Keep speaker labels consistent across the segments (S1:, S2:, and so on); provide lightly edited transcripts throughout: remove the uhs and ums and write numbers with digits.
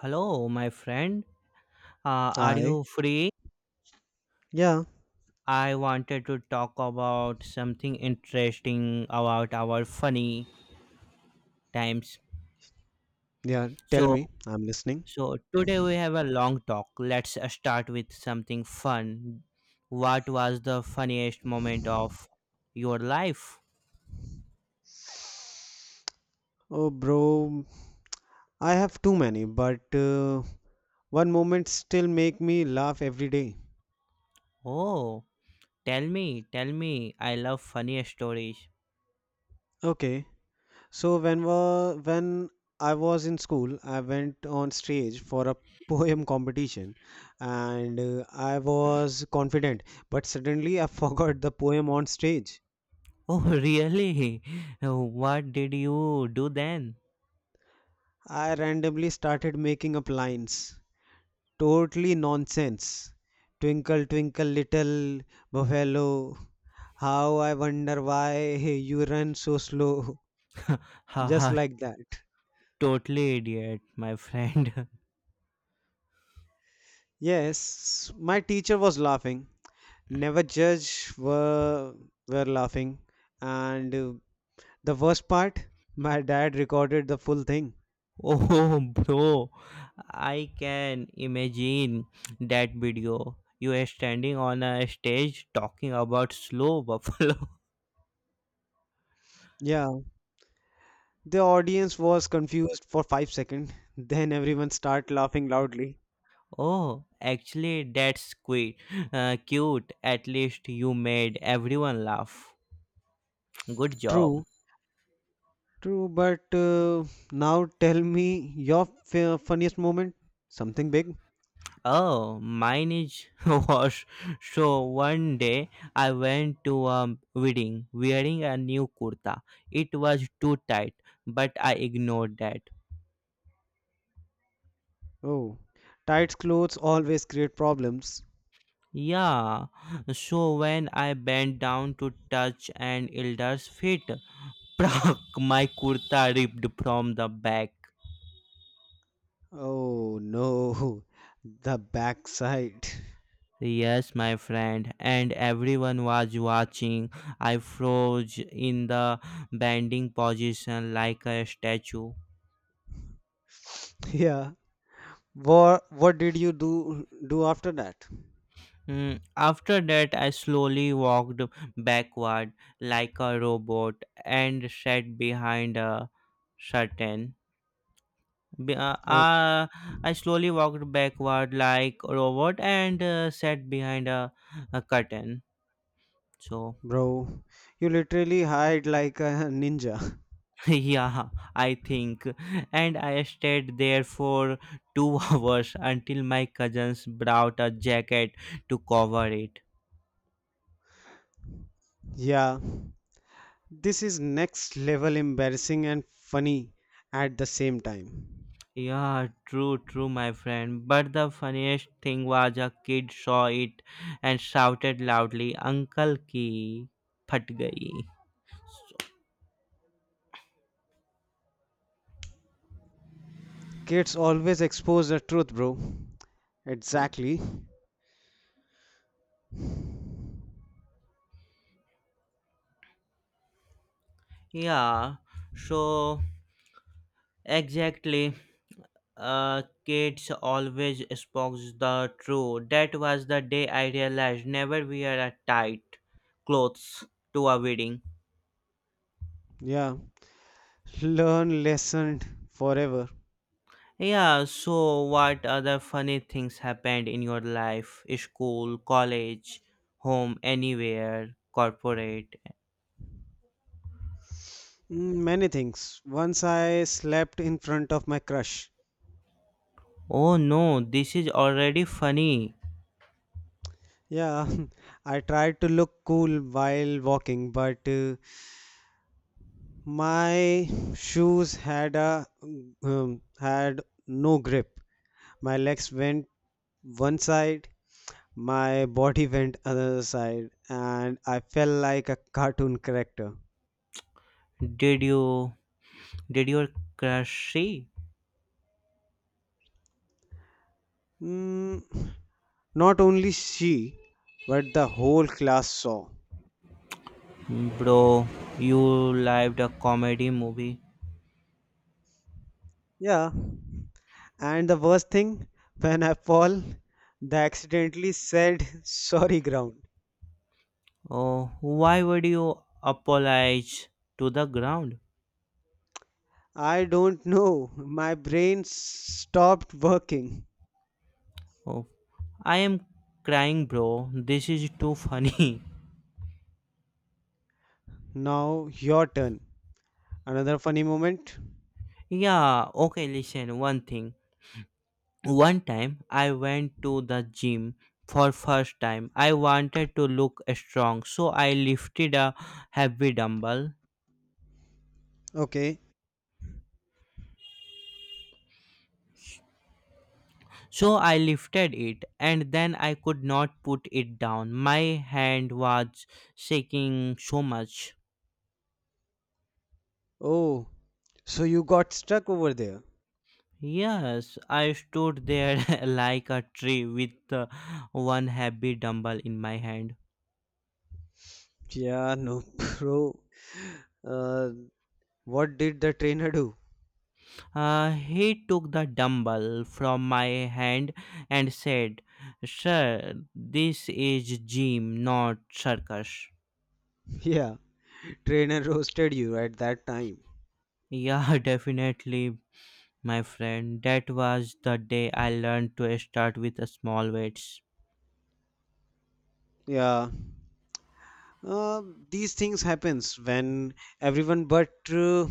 S1: Hello, my friend. Are
S2: Hi.
S1: you free?
S2: Yeah.
S1: I wanted to talk about something interesting about our funny times.
S2: Yeah. Tell
S1: So,
S2: me. I'm listening.
S1: so, today we have a long talk. Let's start with something fun. What was the funniest moment of your life?
S2: Oh, bro. I have too many, but one moment still make me laugh every day.
S1: Oh, tell me, tell me. I love funny stories.
S2: Okay. So when I was in school, I went on stage for a poem competition, and I was confident. But suddenly, I forgot the poem on stage.
S1: Oh, really? What did you do then?
S2: I randomly started making up lines. Totally nonsense. Twinkle, twinkle, little buffalo, how I wonder why you run so slow. Just
S1: Haha,
S2: like that.
S1: totally idiot, my friend.
S2: Yes, my teacher was laughing. Never judge were laughing. And the worst part, my dad recorded the full thing.
S1: Oh, bro, I can imagine that video. You are standing on a stage talking about slow buffalo.
S2: Yeah, the audience was confused for 5 seconds. Then everyone start laughing loudly.
S1: Oh, actually, that's quite cute. At least you made everyone laugh. Good job.
S2: True, True, but now tell me your funniest moment. Something big?
S1: Oh, mine is was, so one day I went to a wedding wearing a new kurta. It was too tight, but I ignored that.
S2: Oh, tight clothes always create problems.
S1: Yeah, so when I bent down to touch an elder's feet, prak, my kurta ripped from the back.
S2: Oh no, the backside.
S1: Yes, my friend, and everyone was watching. I froze in the bending position like a statue.
S2: Yeah. What did you do after that?
S1: After that, I slowly walked backward like a robot and sat behind a curtain. B- uh,
S2: Oh,
S1: uh, I slowly walked backward like a robot and sat behind a curtain. So,
S2: bro, you literally hide like a ninja.
S1: yeah, I think. And I stayed there for 2 hours until my cousins brought a jacket to cover it.
S2: Yeah. This is next level embarrassing and funny at the same time.
S1: Yeah, true, true, my friend. But the funniest thing was a kid saw it and shouted loudly, Uncle ki phat gayi.
S2: Kids always expose the truth, bro. Exactly.
S1: Yeah, so exactly. Kids always spoke the truth. That was the day I realized never wear a tight clothes to a wedding.
S2: Yeah. Learn lesson forever.
S1: Yeah, so what other funny things happened in your life? School, college, home, anywhere, corporate.
S2: Many things. Once I slept in front of my crush.
S1: Oh no, this is already funny.
S2: Yeah, I tried to look cool while walking, but my shoes had a had no grip. My legs went one side, my body went other side, and I felt like a cartoon character.
S1: Did you did your crush see?
S2: Mm, Not only she, but the whole class saw.
S1: Bro, you lived a comedy movie.
S2: Yeah, and the worst thing, when I fall, they accidentally said sorry ground.
S1: Oh, why would you apologize to the ground?
S2: I don't know, my stopped working.
S1: Oh, I am crying, bro. This is too funny.
S2: Now your turn. Another funny moment.
S1: Yeah, okay, listen, one thing. One time I went to the gym for first time. I wanted to look strong, so I lifted a heavy dumbbell.
S2: Okay.
S1: So I lifted it and then I could not put it down. My hand was shaking so much.
S2: Oh, so you got stuck over there.
S1: Yes, I stood there like a tree with one heavy dumbbell in my hand.
S2: Yeah, no, bro. Uh, what did the trainer do?
S1: He took the dumbbell from my hand and said, Sir, this is gym, not circus.
S2: Yeah, trainer roasted you at that time.
S1: Yeah, definitely, my friend. That was the day I learned to start with a small weights.
S2: Yeah, Uh, these things happens when everyone but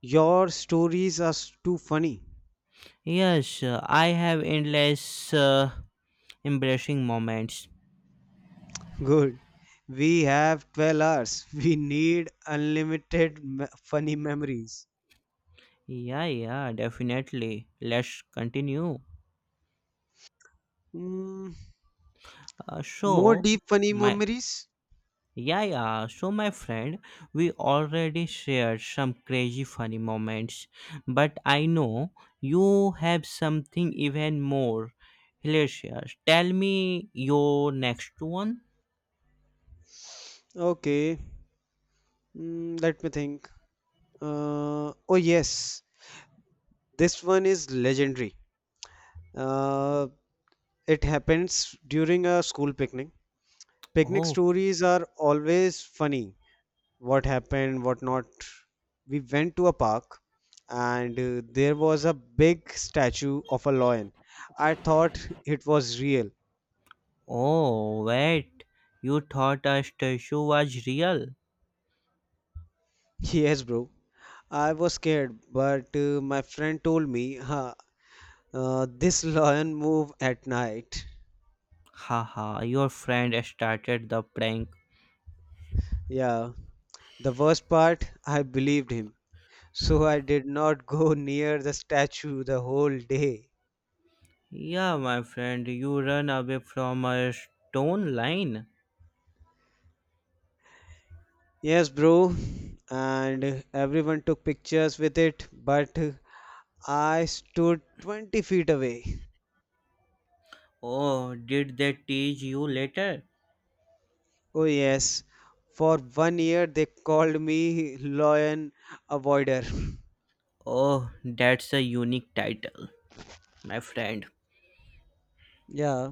S2: your stories are too funny.
S1: Yes, I have endless embracing moments.
S2: Good. We have 12 hours. We need unlimited funny memories.
S1: Yeah, yeah, definitely. Let's continue.
S2: Mm, more
S1: So,
S2: deep funny
S1: my
S2: memories?
S1: Yeah, yeah. So, my friend, we already shared some crazy funny moments, but I know you have something even more hilarious. Tell me your next one.
S2: Okay. Let me think. Oh yes, this one is legendary. Uh, it happens during a school picnic. Picnic
S1: Oh,
S2: stories are always funny what happened, what not. We went to a park and there was a big statue of a lion. I thought it was real.
S1: oh, wait. You thought a statue was real?
S2: Yes, bro. I was scared, but my friend told me this lion move at night.
S1: Haha, your friend started the prank.
S2: Yeah, the worst part, I believed him. So I did not go near the statue the whole day.
S1: Yeah, my friend, you run away from a stone line.
S2: Yes, bro. And everyone took pictures with it, but I stood 20 feet away.
S1: Oh, did they teach you later?
S2: Oh, yes. For one year, they called me lion avoider.
S1: Oh, that's a unique title, my friend.
S2: Yeah.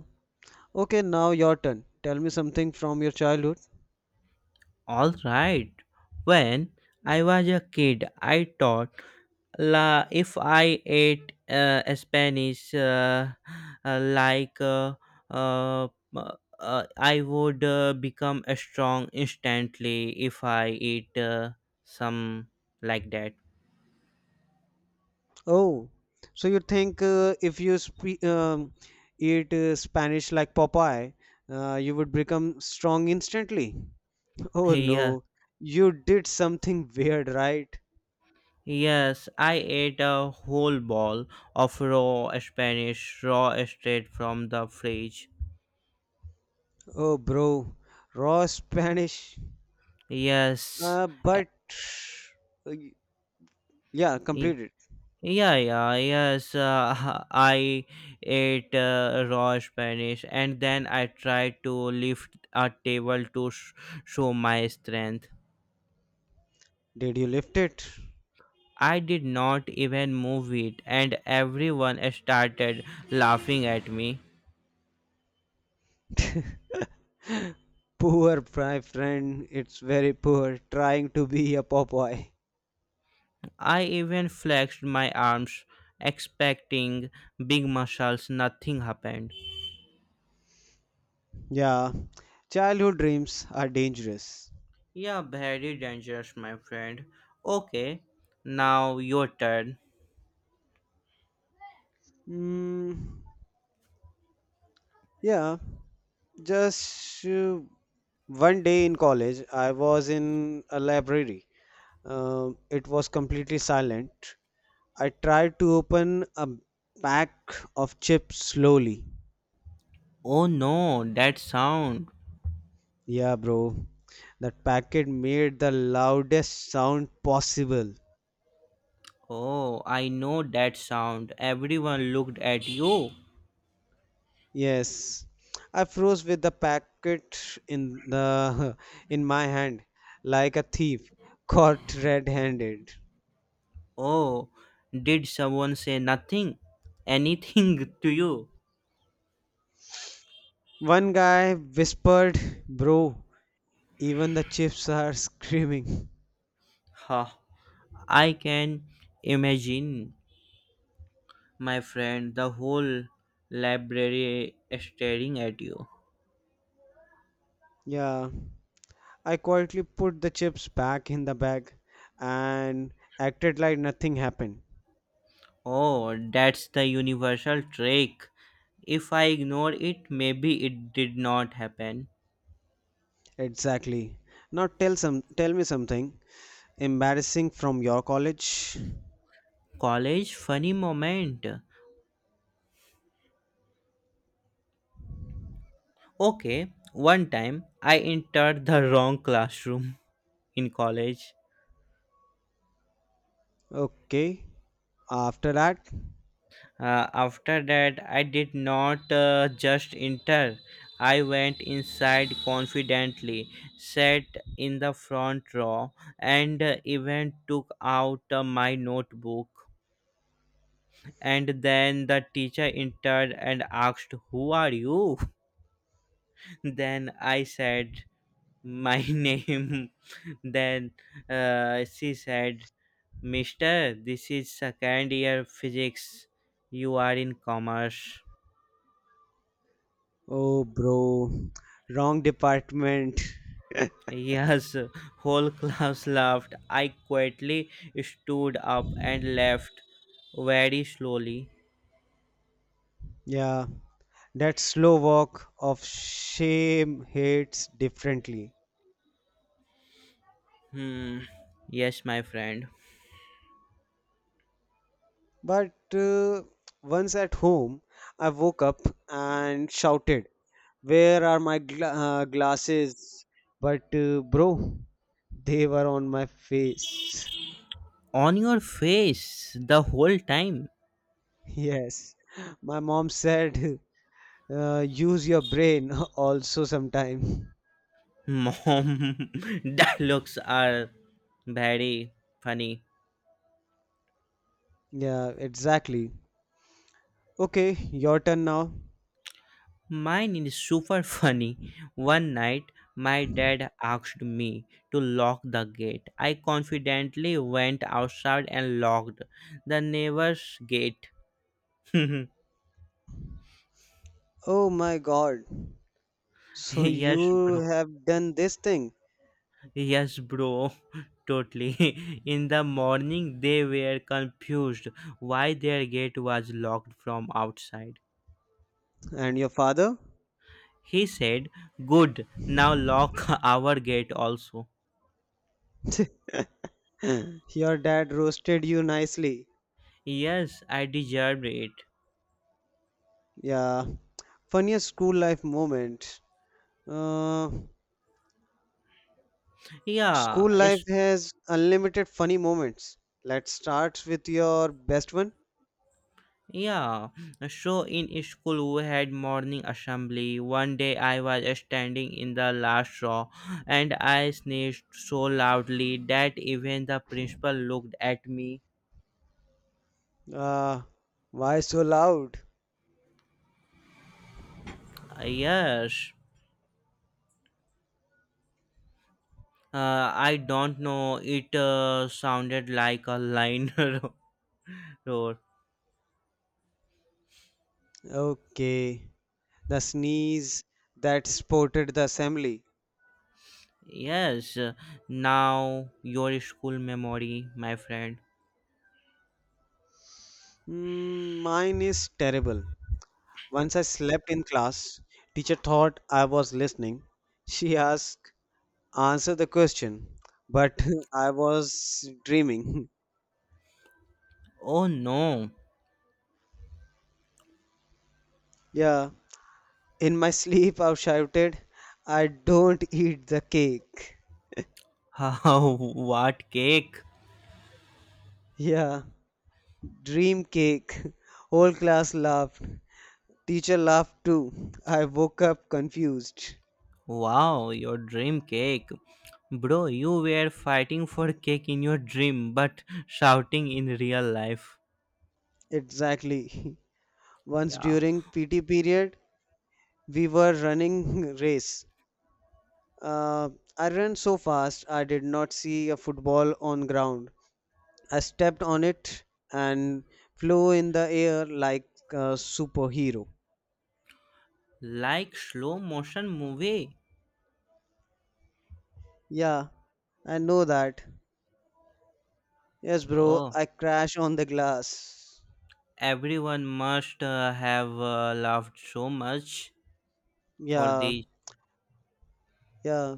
S2: Okay, now your turn. Tell me something from your childhood.
S1: All right. When I was a kid, I thought la if I ate Spanish like uh, I would become strong instantly if I eat some like that.
S2: Oh, so you think if you eat Spanish like Popeye, you would become strong instantly? Oh,
S1: Yeah.
S2: no. You did something weird, right?
S1: Yes, I ate a whole ball of raw Spanish raw straight from the fridge.
S2: Oh, bro. Raw Spanish.
S1: Yes. uh,
S2: But uh, Yeah,
S1: y-
S2: completed.
S1: Yeah, yeah, yes. I ate raw Spanish and then I tried to lift a table to show my strength.
S2: Did you lift it?
S1: I did not even move it, and everyone started laughing at me.
S2: Poor my friend, it's very poor trying to be a Popeye.
S1: I even flexed my arms, expecting big muscles. Nothing happened.
S2: Yeah, childhood dreams are dangerous.
S1: Yeah, very dangerous, my friend. Okay, now your turn.
S2: Mm, yeah, just one day in college, I was in a library. It was completely silent. I tried to open a pack of chips slowly.
S1: Oh no, that sound.
S2: Yeah, bro. That packet made the loudest sound possible.
S1: Oh, I know that sound. Everyone looked at you.
S2: Yes. I froze with the packet in the in my hand like a thief caught red-handed.
S1: Oh, did someone say nothing? Anything to you?
S2: One guy whispered, "Bro, even the chips are screaming."
S1: Ha, I can imagine. My friend, the whole library is staring at you.
S2: Yeah. I quietly put the chips back in the bag and acted like nothing happened.
S1: Oh, that's the universal trick. If I ignore it, maybe it did not happen.
S2: Exactly. Now tell me something. Embarrassing from your college?
S1: College funny moment. Okay, one time I entered the wrong classroom in college.
S2: Okay. After that?
S1: After that, I did not just enter. I went inside confidently, sat in the front row, and even took out my notebook. And then the teacher entered and asked, Who are you? Then I said, my name. Then she said, Mister, this is second year physics. You are in commerce.
S2: Oh, bro. Wrong department.
S1: Yes, whole class laughed. I quietly stood up and left very slowly.
S2: Yeah. That slow walk of shame hits differently.
S1: Hmm. Yes, my friend.
S2: But once at home, I woke up and shouted, Where are my glasses? But bro, they were on my face.
S1: On your face the whole time.
S2: Yes. My mom said, use your brain also sometime.
S1: Mom, dialogues are very funny.
S2: Yeah, exactly. Okay, your turn now.
S1: Mine is super funny. One night, my dad asked me to lock the gate. I confidently went outside and locked the neighbor's gate.
S2: Oh my god. So
S1: Yes,
S2: you
S1: bro.
S2: have done this thing.
S1: Yes, bro. Totally. In the morning, they were confused why their gate was locked from outside.
S2: And your father?
S1: He said, Good, now lock our gate also.
S2: Your dad roasted you nicely.
S1: Yes, I deserved it.
S2: Yeah. Funniest school life moment. Uh,
S1: Yeah,
S2: school
S1: it's
S2: life has unlimited funny moments. Let's start with your best one.
S1: yeah. So in school we had morning assembly. One day I was standing in the last row and I sneezed so loudly that even the principal looked at me.
S2: Uh, why so loud?
S1: Yes, I don't know. It sounded like a line roar.
S2: Okay. The sneeze that sported the assembly.
S1: Yes, now your school memory, my friend.
S2: Mine is terrible. Once I slept in class. Teacher thought I was listening. She asked, answer the question, but I was dreaming.
S1: Oh no!
S2: Yeah, in my sleep I shouted, I don't eat the cake.
S1: How? What cake?
S2: Yeah, dream cake. Whole class laughed. Teacher laughed too. I woke up confused.
S1: Wow, your dream cake. Bro, you were fighting for cake in your dream, but shouting in real life.
S2: Exactly. Once
S1: Yeah,
S2: during PT period, we were running race. Uh, I ran so fast I did not see a football on ground. I stepped on it and flew in the air like a superhero.
S1: like slow motion movie.
S2: Yeah, I know that. Yes, bro,
S1: Oh,
S2: I crashed on the glass.
S1: everyone must have laughed so much for
S2: Yeah,
S1: these.
S2: Yeah,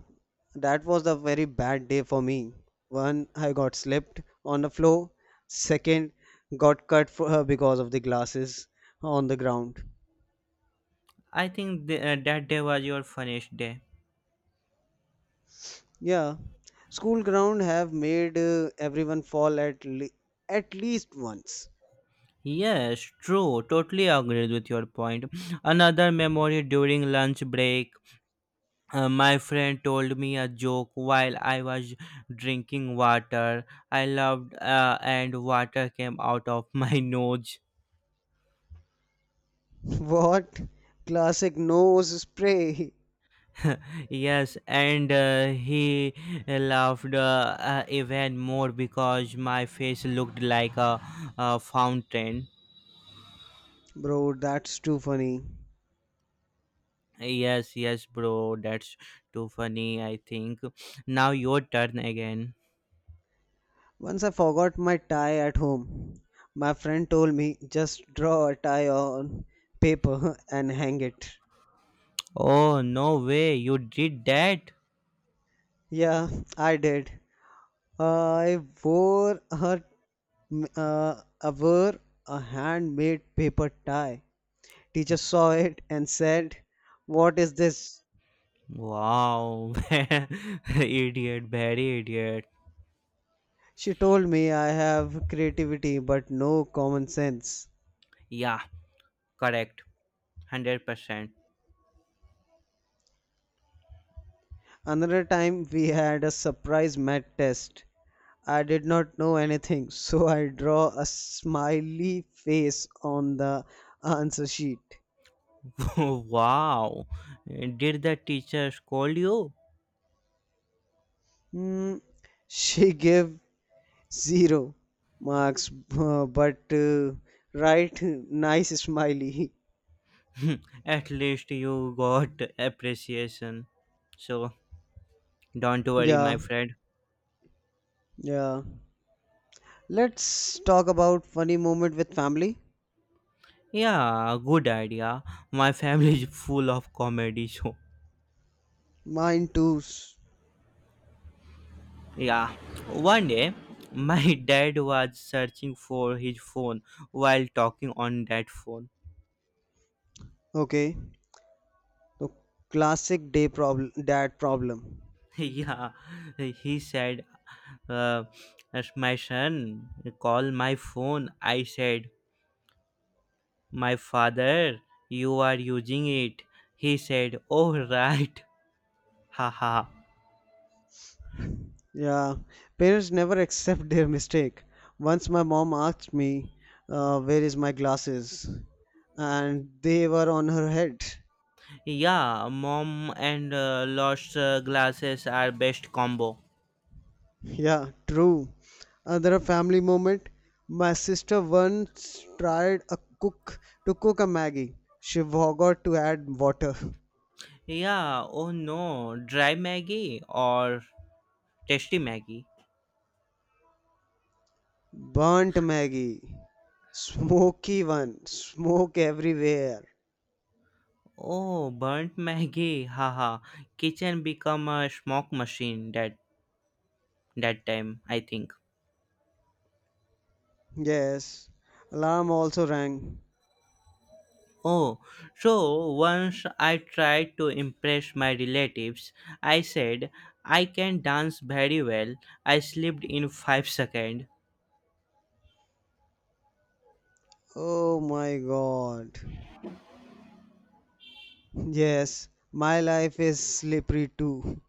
S2: that was a very bad day for me. One, I got slipped on the floor. Second, got cut for her because of the glasses on the ground.
S1: I think that day was your funniest day.
S2: Yeah, school ground have made everyone fall at least once.
S1: Yes, true. Totally agreed with your point. Another memory during lunch break. My friend told me a joke while I was drinking water. I loved, and water came out of my nose.
S2: What? Classic nose spray.
S1: Yes, and he laughed even more because my face looked like a fountain.
S2: Bro, that's too funny.
S1: Yes, yes, bro. That's too funny. I think now your turn again.
S2: Once I forgot my tie at home. My friend told me just draw a tie on paper and hang it.
S1: Oh no way! You did that.
S2: Yeah, I did. I wore her I wore a handmade paper tie. Teacher saw it and said, "What is this?"
S1: Wow, idiot, very idiot.
S2: She told me I have creativity but no common sense.
S1: Yeah, correct, 100%.
S2: Another time we had a surprise math test. I did not know anything, so I draw a smiley face on the answer sheet.
S1: Wow, did the teacher scold you?
S2: Hmm, she gave Zero marks, but right, nice smiley.
S1: At least you got appreciation. So don't worry, my
S2: Yeah,
S1: friend.
S2: yeah. Let's talk about funny moment with family.
S1: Yeah, good idea. My family is full of comedy show.
S2: Mine too.
S1: Yeah. One day, my dad was searching for his phone while talking on that phone.
S2: Okay. So classic day problem, dad problem.
S1: Yeah. He said, uh, "As my son, call my phone. I said, my father, you are using it. He said, oh, right. Haha.
S2: Yeah, parents never accept their mistake. Once my mom asked me, "Where is my glasses?" And they were on her head.
S1: Yeah, mom and lost glasses are best combo.
S2: Yeah, true. Another family moment. My sister once tried a cook to cook a Maggie. She forgot to add water.
S1: Yeah, oh no, dry Maggie or tasty Maggie.
S2: Burnt Maggie. Smoky one. Smoke everywhere.
S1: Oh, burnt Maggie. Haha. Kitchen become a smoke machine that time, I think.
S2: Yes. Alarm also rang.
S1: Oh, so once I tried to impress my relatives, I said I can dance very well. I slipped in 5 seconds.
S2: Oh my god. Yes, my life is slippery too.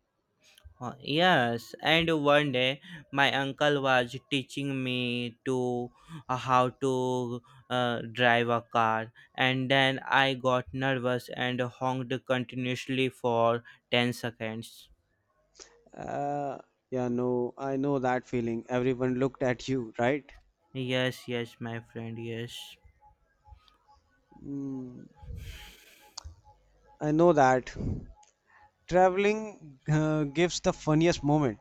S1: Yes, and one day my uncle was teaching me to how to drive a car, and then I got nervous and honked continuously for 10 seconds.
S2: Uh, yeah, no, I know that feeling. Everyone looked at you, right?
S1: Yes, yes, my friend, yes.
S2: Mm. I know that. Traveling gives the funniest moment.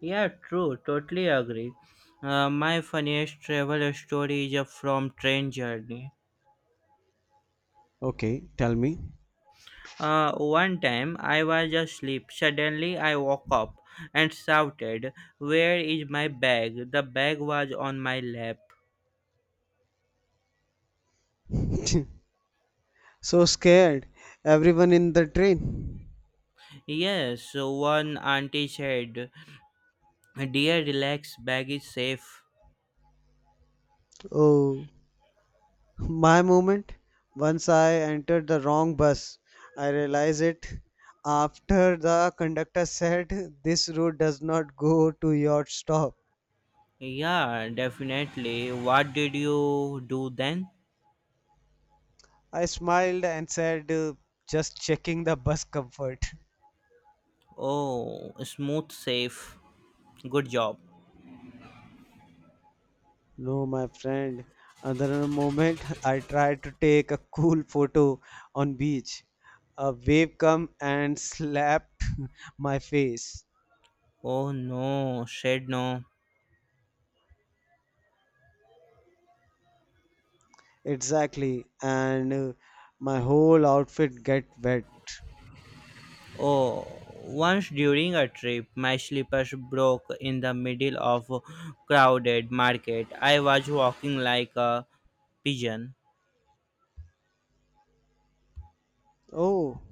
S1: Yeah, true, totally agree. My funniest travel story is from train journey.
S2: Okay, tell me.
S1: One time I was asleep. Suddenly I woke up and shouted, Where is my bag? The bag was on my lap.
S2: So scared. Everyone in the train.
S1: Yes, one auntie said, Dear, relax, bag is safe.
S2: Oh, my moment. Once I entered the wrong bus, I realized it after the conductor said, This route does not go to your stop.
S1: Yeah, definitely. What did you do then?
S2: I smiled and said, Just checking the bus comfort.
S1: Oh, smooth safe. Good job.
S2: No, my friend. Another moment I tried to take a cool photo on beach. A wave come and slapped my face.
S1: Oh no, said no.
S2: Exactly. And my whole outfit get wet.
S1: Oh, once during a trip, my slippers broke in the middle of a crowded market. I was walking like a pigeon.
S2: Oh,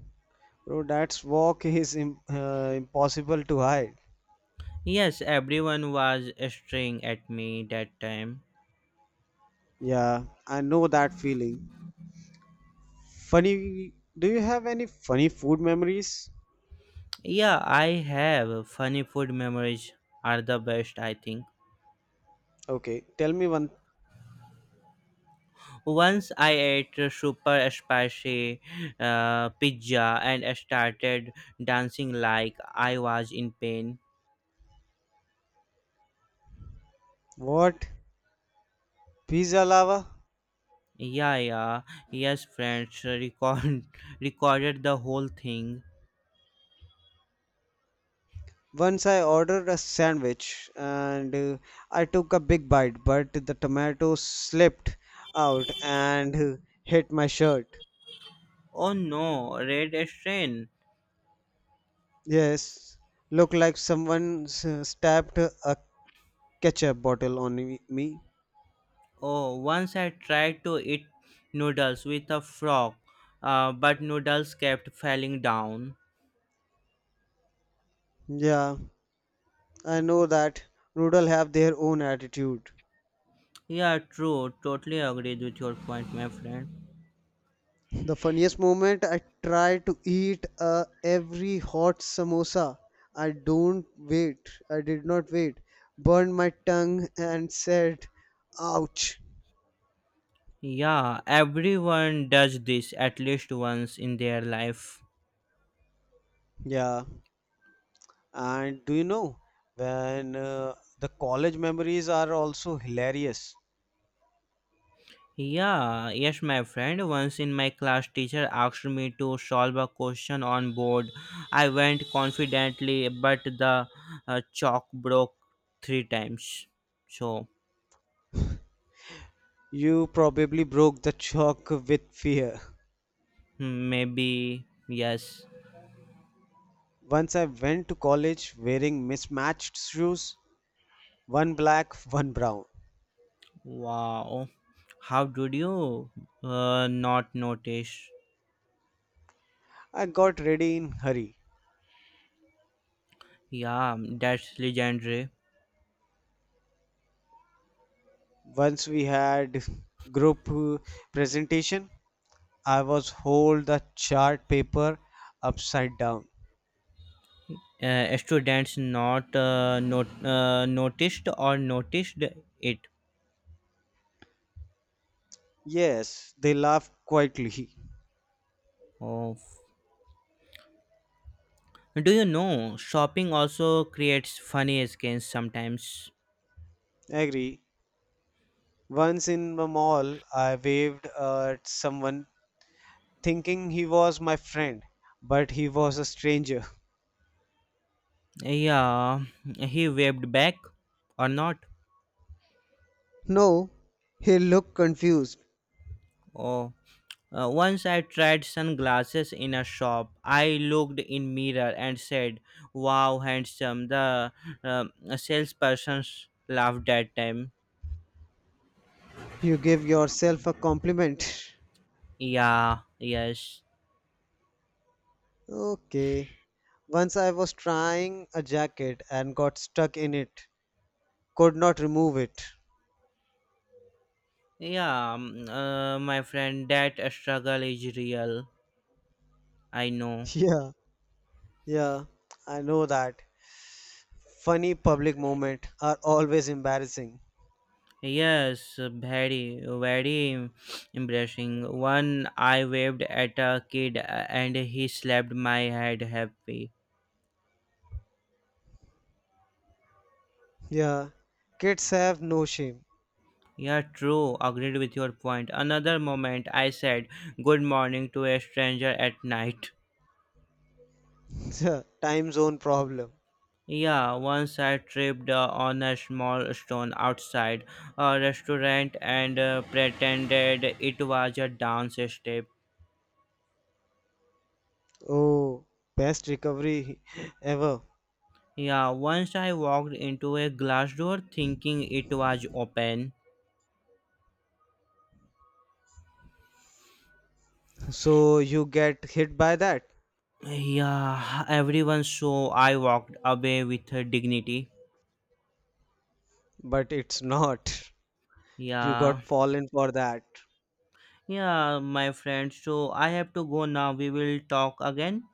S2: bro, that's walk is im impossible to hide.
S1: Yes, everyone was staring at me that time.
S2: Yeah, I know that feeling. Funny, do you have any funny food memories?
S1: Yeah, I have funny food memories are the best, I think.
S2: Okay, tell me one.
S1: Once I ate a super spicy pizza and started dancing like I was in pain.
S2: What? Pizza lava?
S1: Yeah, yeah. Yes, friends. Recorded the whole thing.
S2: Once I ordered a sandwich and I took a big bite, but the tomato slipped out and hit my shirt.
S1: Oh no, red strain.
S2: Yes, looked like someone stabbed a ketchup bottle on me.
S1: Oh, once I tried to eat noodles with a frog, but noodles kept falling down.
S2: Yeah, I know that noodle have their own attitude.
S1: Yeah, true. Totally agreed with your point, my friend.
S2: The funniest moment I try to eat every hot samosa. I don't wait. I did not wait. Burned my tongue and said, ouch.
S1: Yeah, everyone does this at least once in their life.
S2: Yeah, and do you know when the college memories are also hilarious?
S1: Yeah, yes, my friend. Once in my class, teacher asked me to solve a question on board. I went confidently, but the chalk broke three times. So
S2: You probably broke the chalk with fear.
S1: maybe yes.
S2: Once I went to college wearing mismatched shoes, one black, one brown.
S1: Wow, how did you not notice?
S2: I got ready in hurry,
S1: Yeah, that's legendary.
S2: Once we had group presentation, I was hold the chart paper upside down.
S1: Students not noticed or noticed it.
S2: Yes, they laughed quietly.
S1: Oh, do you know shopping also creates funny skins sometimes?
S2: Agree. Once in the mall, I waved at someone thinking he was my friend, but he was a stranger.
S1: Yeah, he waved back or not.
S2: No, he looked confused.
S1: Oh, once I tried sunglasses in a shop. I looked in mirror and said, "Wow, handsome." The um, salesperson laughed that time.
S2: You give yourself a compliment.
S1: Yeah, yes,
S2: Okay. Once I was trying a jacket and got stuck in it. Could not remove it.
S1: yeah. My friend, that struggle is real. I know.
S2: Yeah, Yeah, I know that. Funny public moments are always embarrassing.
S1: Yes, very, very embarrassing. One, I waved at a kid and he slapped my head happy.
S2: Yeah, kids have no shame.
S1: Yeah, true. Agreed with your point. Another moment, I said good morning to a stranger at night.
S2: Yeah, time zone problem.
S1: Yeah, once I tripped on a small stone outside a restaurant and pretended it was a dance step.
S2: Oh, best recovery ever.
S1: Yeah, once I walked into a glass door thinking it was open.
S2: So you get hit by that,
S1: Yeah, everyone saw I walked away with her dignity.
S2: but it's not. You
S1: Yeah,
S2: got fallen for that.
S1: yeah, my friend. So I have to go now. We will talk again.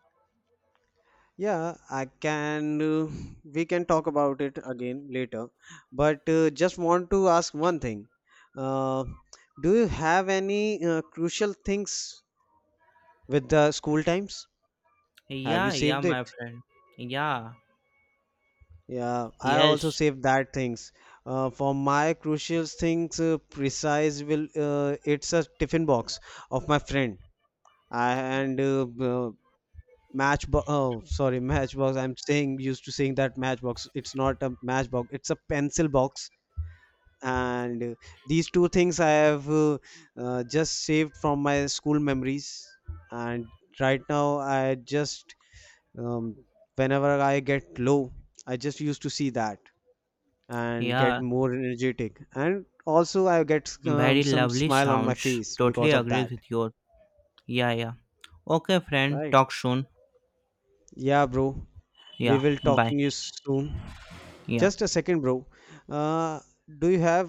S2: Yeah, I can. We can talk about it again later. But just want to ask one thing. Uh, do you have any crucial things with the school times? Have you
S1: Yeah, yeah,
S2: saved it?
S1: my friend. Yeah,
S2: Yeah, I also
S1: yes,
S2: saved that things. For my crucial things, precise will it's a tiffin box of my friend. I, and matchbox oh sorry matchbox I'm saying used to saying that matchbox it's not a matchbox it's a pencil box and these two things I have just saved from my school memories and right now I just um, whenever I get low I just used to see that and get
S1: yeah.
S2: more energetic and also I get
S1: Very
S2: some
S1: lovely
S2: smile on my
S1: sounds.
S2: face
S1: Totally
S2: because of
S1: agree
S2: that
S1: with your. Yeah, yeah. Okay, friend.
S2: right
S1: Talk soon.
S2: yeah bro we
S1: Yeah,
S2: will
S1: bye.
S2: talking you soon
S1: Yeah.
S2: Just a second, bro. Uh, do you have